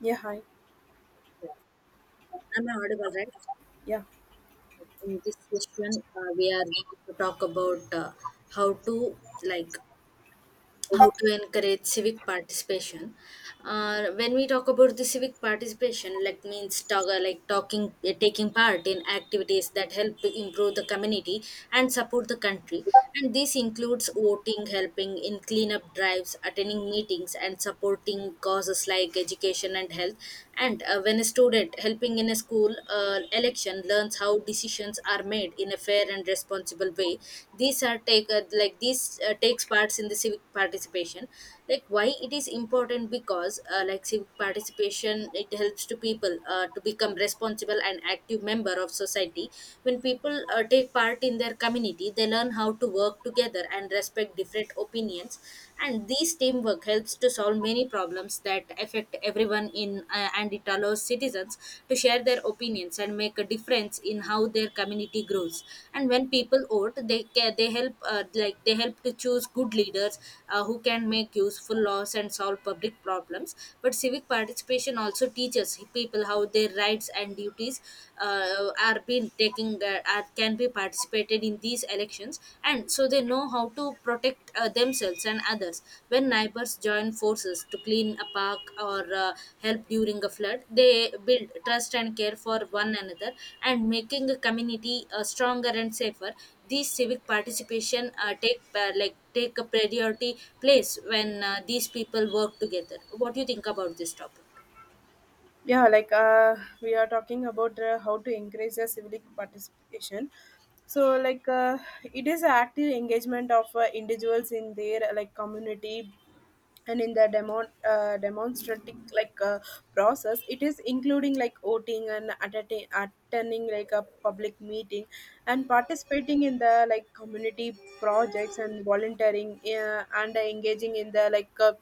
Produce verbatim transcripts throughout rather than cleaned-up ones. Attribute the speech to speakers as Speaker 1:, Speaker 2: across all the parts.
Speaker 1: Yeah, hi.
Speaker 2: Am I audible, right?
Speaker 1: Yeah,
Speaker 2: In this session, uh, we are to talk about uh, how to like how to encourage civic participation. Uh, when we talk about the civic participation, like means talk, uh, like talking, uh, taking part in activities that help to improve the community and support the country. And this includes voting, helping in cleanup drives, attending meetings, and supporting causes like education and health. And uh, when a student helping in a school uh, election learns how how decisions are made in a fair and responsible way, these are take, uh, like these, uh, takes parts in the civic participation. Like, why it is important? Because uh, like civic participation, it helps to people uh, to become responsible and active member of society. When people uh, take part in their community, they learn how to work together and respect different opinions. And this teamwork helps to solve many many problems that affect everyone in, uh, and it allows citizens to share their opinions and make a difference in how their community grows. And when people vote, they ca- they help, uh, like they help to choose good leaders uh, who can make useful laws and solve public problems. But civic participation also teaches people how their rights and duties uh, are being taking, uh, are, can be participated participated in these elections, and so they know how to protect uh, themselves and others. When neighbors join forces to clean a park or, uh, help during a flood, they build trust and care for one another, and making a community uh, stronger and safer. These civic participation uh, take, uh, like take a priority place when uh, these people work together. What do you think about this topic?
Speaker 1: yeah. Like uh, we are talking about uh, how to increase the civic participation. So, like uh, it is active engagement of uh, individuals in their like community and in the demo uh, demonstrative like uh, process. It is including like voting and attending attending like a public meeting and participating in the like community projects and volunteering uh, and engaging in the like. Uh,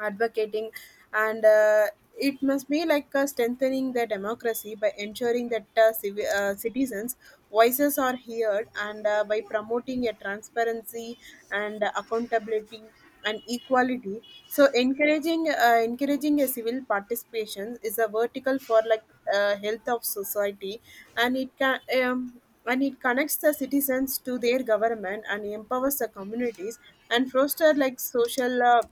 Speaker 1: advocating and uh, it must be like uh, strengthening the democracy by ensuring that uh, civi- uh, citizens voices are heard and uh, by promoting a transparency and accountability and equality, so encouraging uh, encouraging a civil participation is a vertical for like uh, health of society, and it can um, and it connects the citizens to their government and empowers the communities and foster like social uh,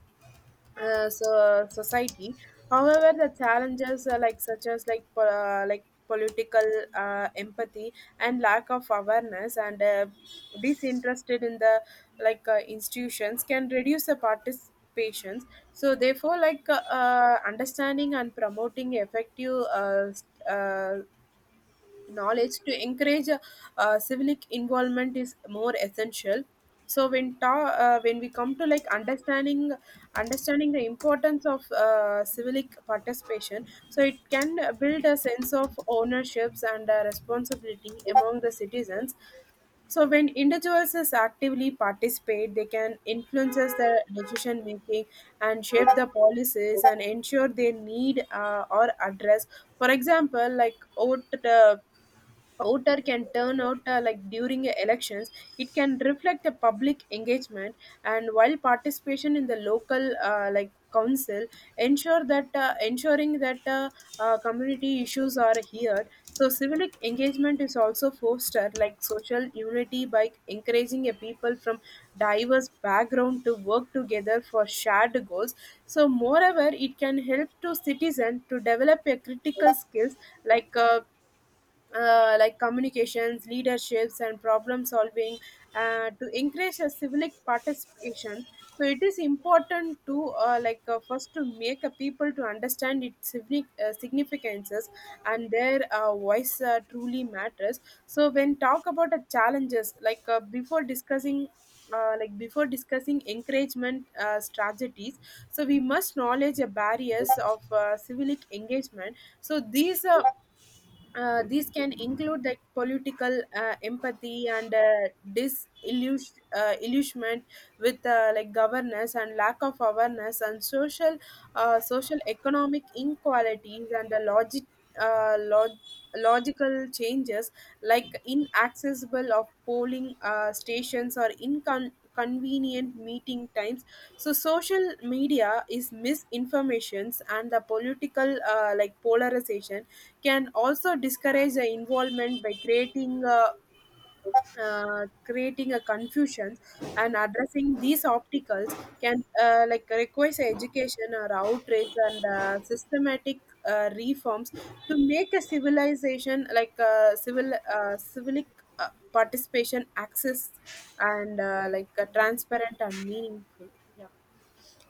Speaker 1: uh, so society. However, the challenges are like such as like po- uh, like political uh, empathy and lack of awareness and uh, disinterested in the like uh, institutions can reduce the participations. So therefore, like uh, uh, understanding and promoting effective uh, s- uh, knowledge to encourage uh, uh, civic involvement is more essential. So when ta- uh, when we come to like understanding, understanding the importance of uh, civic participation, so it can build a sense of ownerships and uh, responsibility among the citizens. So when individuals is actively participate, they can influences the decision making and shape the policies and ensure they need uh, or address. For example, like vote uh, outer can turn out uh, like during uh, elections, it can reflect the public engagement, and while participation in the local uh, like council ensure that uh, ensuring that uh, uh, community issues are heard. So civic engagement is also fostered like social unity by encouraging a people from diverse background to work together for shared goals. So moreover, it can help to citizen to develop a critical skills like uh, uh, like communications, leaderships, and problem solving uh, to increase a civic participation. So it is important to uh, like uh, first to make a people to understand its signi- uh, significances and their uh, voice uh, truly matters. So when talk about the challenges, like uh, before discussing uh, like before discussing encouragement uh, strategies, so we must knowledge the barriers of uh, civic engagement. So these uh, uh, these can include like political uh, empathy and uh, disillusionment uh, illusionment with uh, like governance and lack of awareness and social uh, social economic inequalities and the logic uh, log- logical changes like inaccessible of polling uh, stations or inconvenient meeting times. So social media is misinformations and the political uh, like polarization can also discourage the involvement by creating a uh, creating a confusion, and addressing these obstacles can uh, like requires education or outreach and uh, systematic uh, reforms to make a civilization like uh, civil uh, civic uh, participation access and uh, like uh, transparent and meaningful. Yeah.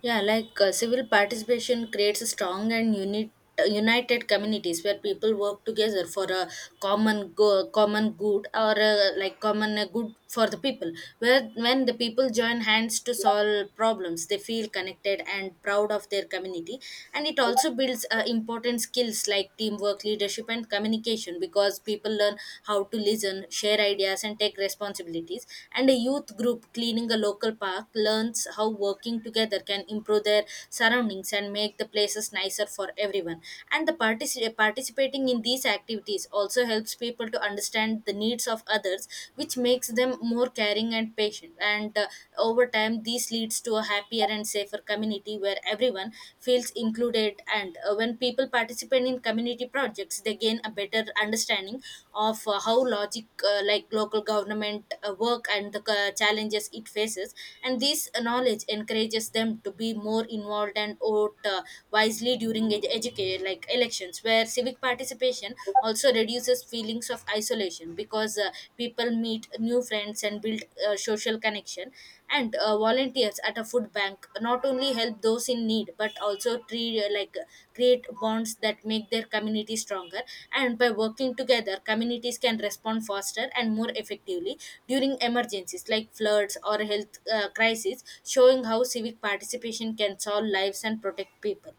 Speaker 2: Yeah, like uh, civil participation creates a strong and unit, united communities where people work together for a common go- common good, or uh, like common, uh, good for the people. Where when the people join hands to solve problems, they feel connected and proud of their community. And it also builds uh, important skills like teamwork, leadership, and communication, because people learn how to listen, share ideas, and take responsibilities. And a youth group cleaning a local park park learns how working together can improve their surroundings and make the places nicer for everyone. And the partici- participating in these activities also helps people to understand the needs of others, which makes them more caring and patient. And uh, over time this leads to a happier and safer community where everyone feels included. And uh, when people participate in community projects, they gain a better understanding of uh, how logic, uh, like local government uh, work, and the the ca- challenges it faces. And this knowledge encourages them to be more involved and vote uh, wisely during ed- educa- like elections, where civic participation also reduces feelings of isolation because uh, people meet new friends and build uh, social connection. And uh, volunteers at a food bank not only help those in need but also treat, uh, like create bonds that make their community stronger. And by working together, communities can respond faster, and and more effectively during emergencies like floods or health uh, crises, showing how civic participation can solve lives and protect people.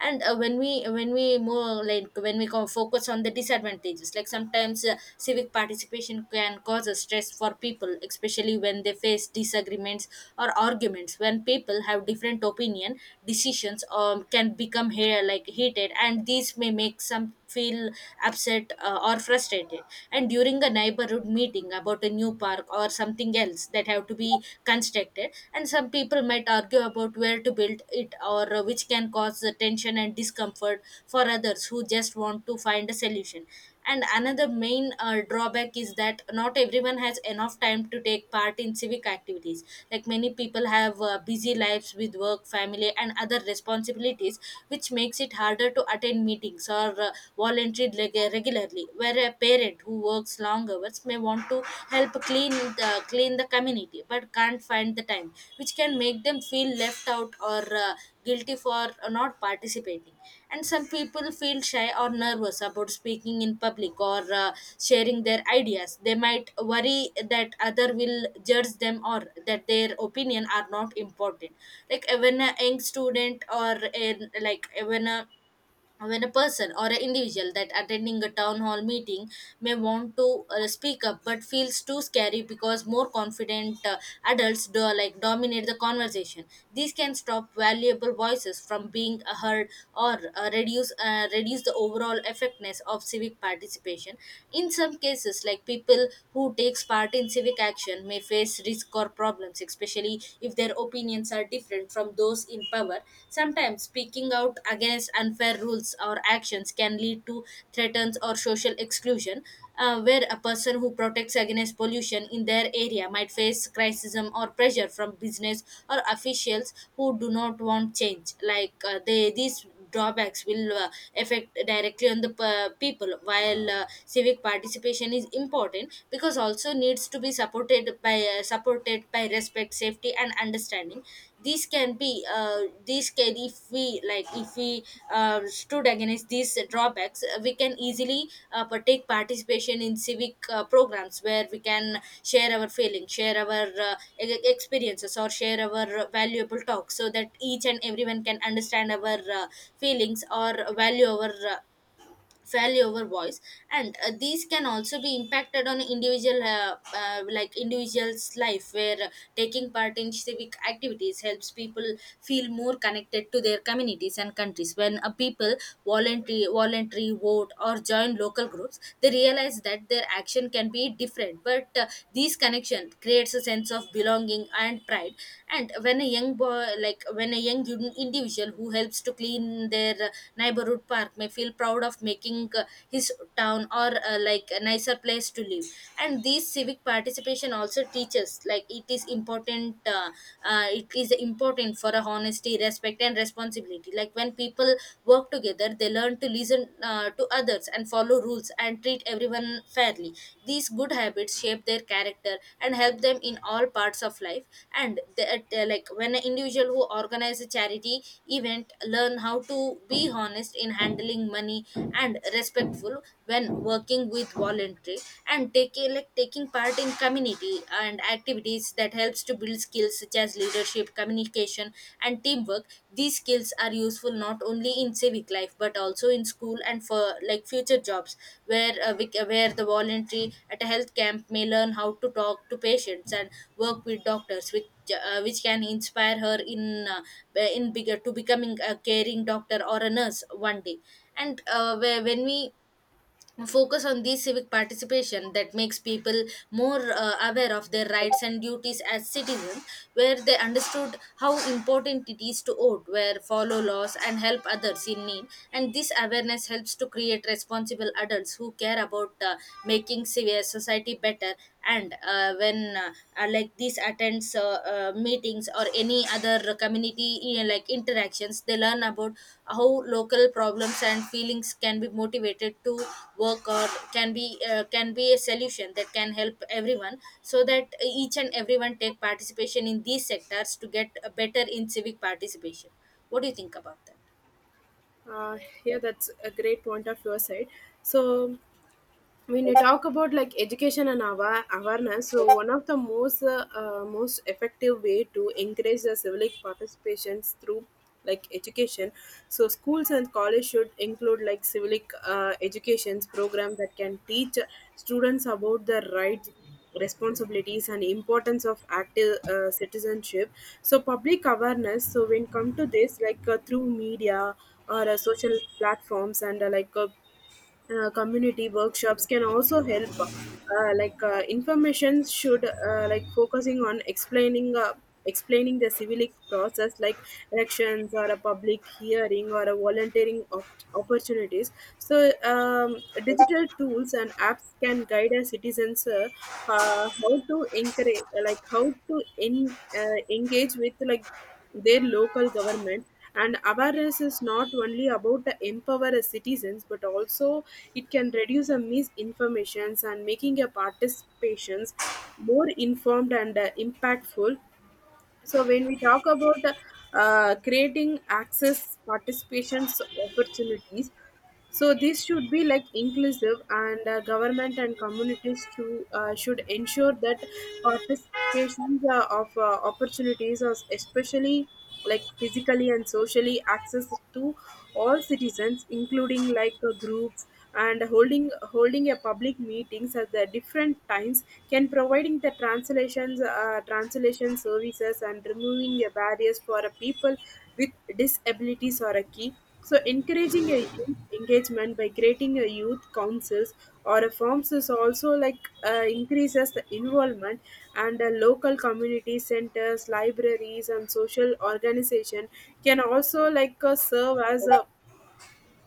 Speaker 2: And uh, when we when we more, like when we co- focus on the disadvantages, like sometimes uh, civic participation can cause a stress for people, especially when they face disagreements or arguments. When people have different opinion decisions, um, can become here like heated, and these may make some feel upset, uh, or frustrated frustrated And during a neighborhood meeting about a new park or something else that have to be constructed, and some people might argue about where to build it, or uh, which can cause the tension and discomfort for others who just want to find a solution. And another main uh, drawback is that not everyone has enough time to take part in civic activities. Like, many people have uh, busy lives with work, family, and other responsibilities, which makes it harder to attend meetings or uh, voluntary reg- regularly, where a parent who works long hours may want to help clean the, clean the community but can't find the time, which can make them feel left out or uh, guilty for not participating. And some people feel shy or nervous about speaking in public or uh, sharing their ideas. They might worry that other will judge them or that their opinion are not important. Like when a young student or a, like when a when a person or an individual that attending a town hall meeting may want to uh, speak up but feels too scary because more confident uh, adults do like dominate the conversation. These can stop valuable voices from being uh, heard or uh, reduce uh, reduce the overall effectiveness of civic participation. In some cases, like people who takes part in civic action may face risk or problems, especially if their opinions opinions are different from those in power. Sometimes speaking out against unfair rules or actions can lead to threats or social exclusion, uh, where a person who protects against pollution in their area might face criticism or pressure from business or officials who do not want change. Like, uh, they these drawbacks will uh, affect directly on the p- people, while uh, civic participation is important, because also needs to be supported by uh, supported by respect, safety, and understanding. These can be uh, these can If we, like if we, uh, stood against these drawbacks, uh, we can easily uh, pa- take participation in civic uh, programs where we can share our feelings, share our uh, e- e-, experiences, or share our valuable talks so that each and everyone can understand our uh, feelings, or value our uh, fairly over voice. And uh, these can also be impacted on individual, uh, uh, like individuals life, where uh, taking part in civic activities helps people feel more connected to their communities and countries. When a people voluntary voluntary vote or join local groups, they realize that their action can be different, but uh, these connection creates a sense of belonging and pride. And when a young boy, like when a young in- individual who helps to clean their uh, neighborhood park may feel proud of making uh, his town or, uh, like a nicer place to live. And this civic participation also teaches, like, it is important uh, uh, it is important for a honesty, respect, and responsibility. Like, when people work together, they learn to listen uh, to others others and follow rules and treat everyone fairly. These good habits shape their character and help them in all parts of life. And the, uh, like when an individual who organizes a charity event learn how to be honest in handling money and respectful, when working with voluntary, and taking like taking part in community and activities that helps to build skills such as leadership, communication, and teamwork. These skills are useful not only in civic life but also in school and for, like, future jobs, where uh, we, where the voluntary at a health camp may learn how to talk to patients and work with doctors, which uh, which can inspire her in, uh, in bigger to becoming a caring doctor or a nurse one day. And uh, where, when we focus on the civic participation that makes people more uh, aware of their rights and duties as citizens, where they understood how important it is to vote, where follow laws and help others in need. And this awareness helps to create responsible adults who care about uh, making civi- society better. And uh, when, uh, uh, like this attends, uh, uh, meetings or any other community, you like interactions, they learn about how local problems and feelings can be motivated to work, or can be uh, can be a solution that can help everyone, so that each and everyone take participation in these sectors to get uh, better in civic participation. What do you think about that?
Speaker 1: uh, yeah, that's a great point of your side. So when you talk about like education and awa- awareness, so one of the most uh, uh, most effective way to encourage the civic participations through like education. So schools and college should include like civic uh, educations program that can teach students about the rights, responsibilities, and importance of active uh, citizenship. So public awareness, so when come to this like uh, through media or uh, social platforms and uh, like uh, uh, community workshops can also help uh, like uh, information should uh, like focusing on explaining uh, explaining the civic process like elections or a public hearing or a volunteering op- opportunities. So um, digital tools and apps can guide our citizens uh, uh, how to encourage like how to en- uh, engage with like their local government, and awareness is not only about the empower citizens but also it can reduce the misinformations and making a participations more informed and uh, impactful. So when we talk about uh, creating access participations opportunities, so this should be like inclusive, and uh, government and communities to uh, should ensure that participations uh, of uh, opportunities are, especially like, physically and socially access to all citizens, including like uh, groups, and holding holding a public meetings at the different times, can providing the translations uh, translation services and removing a barriers for a people with disabilities or a key. So so, encouraging a youth engagement by creating a youth councils or a forms is also like uh, increases the involvement, and uh, local community centers, libraries, and social organization can also like uh, serve as a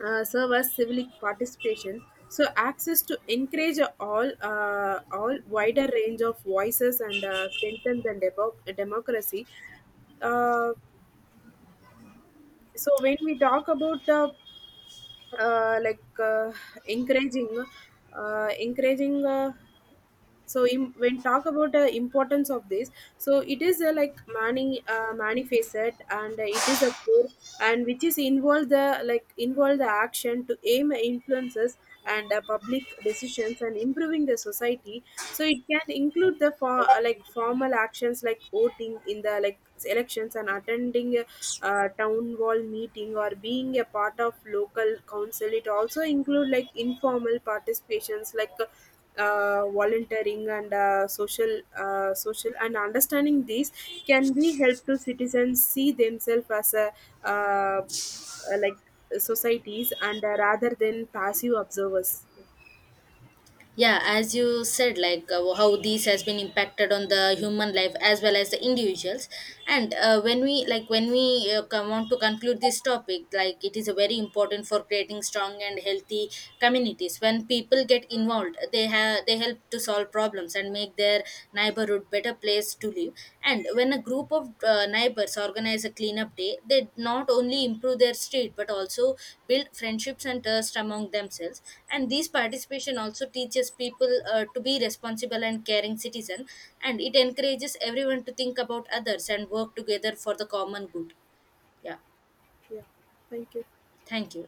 Speaker 1: uh, serve as civic participation. So, access to encourage all uh, all wider range of voices and uh, strengthen the democ democracy. uh, so when we talk about the uh, like uh, encouraging uh, encouraging uh, so im- when talk about uh, importance of this, so it is uh, like many uh, manifested, and uh, it is a core and which is involve the like involve the action to aim influences and uh, public decisions and improving the society. So it can include the for like formal actions like voting in the like elections and attending a, uh town hall meeting or being a part of local council. It also include like informal participations like uh, volunteering and uh, social uh, social and understanding, these can be help to citizens see themselves as a uh, uh, like societies and uh, rather than passive observers.
Speaker 2: Yeah, as you said, like uh, how this has been impacted on the human life as well as the individuals. And uh, when we, like when we, uh, come on to conclude this topic, like it is very important for creating strong and healthy communities. When people get involved, they have they help to solve problems and make their neighborhood better place place to live. And when a group of uh, neighbors organize a cleanup day, they not only improve their street but also build friendships and trust among themselves. And this participation also teaches people uh, to be responsible and caring citizen. And it encourages everyone to think about others and work together for the common good. Yeah.
Speaker 1: Yeah, thank you.
Speaker 2: Thank you.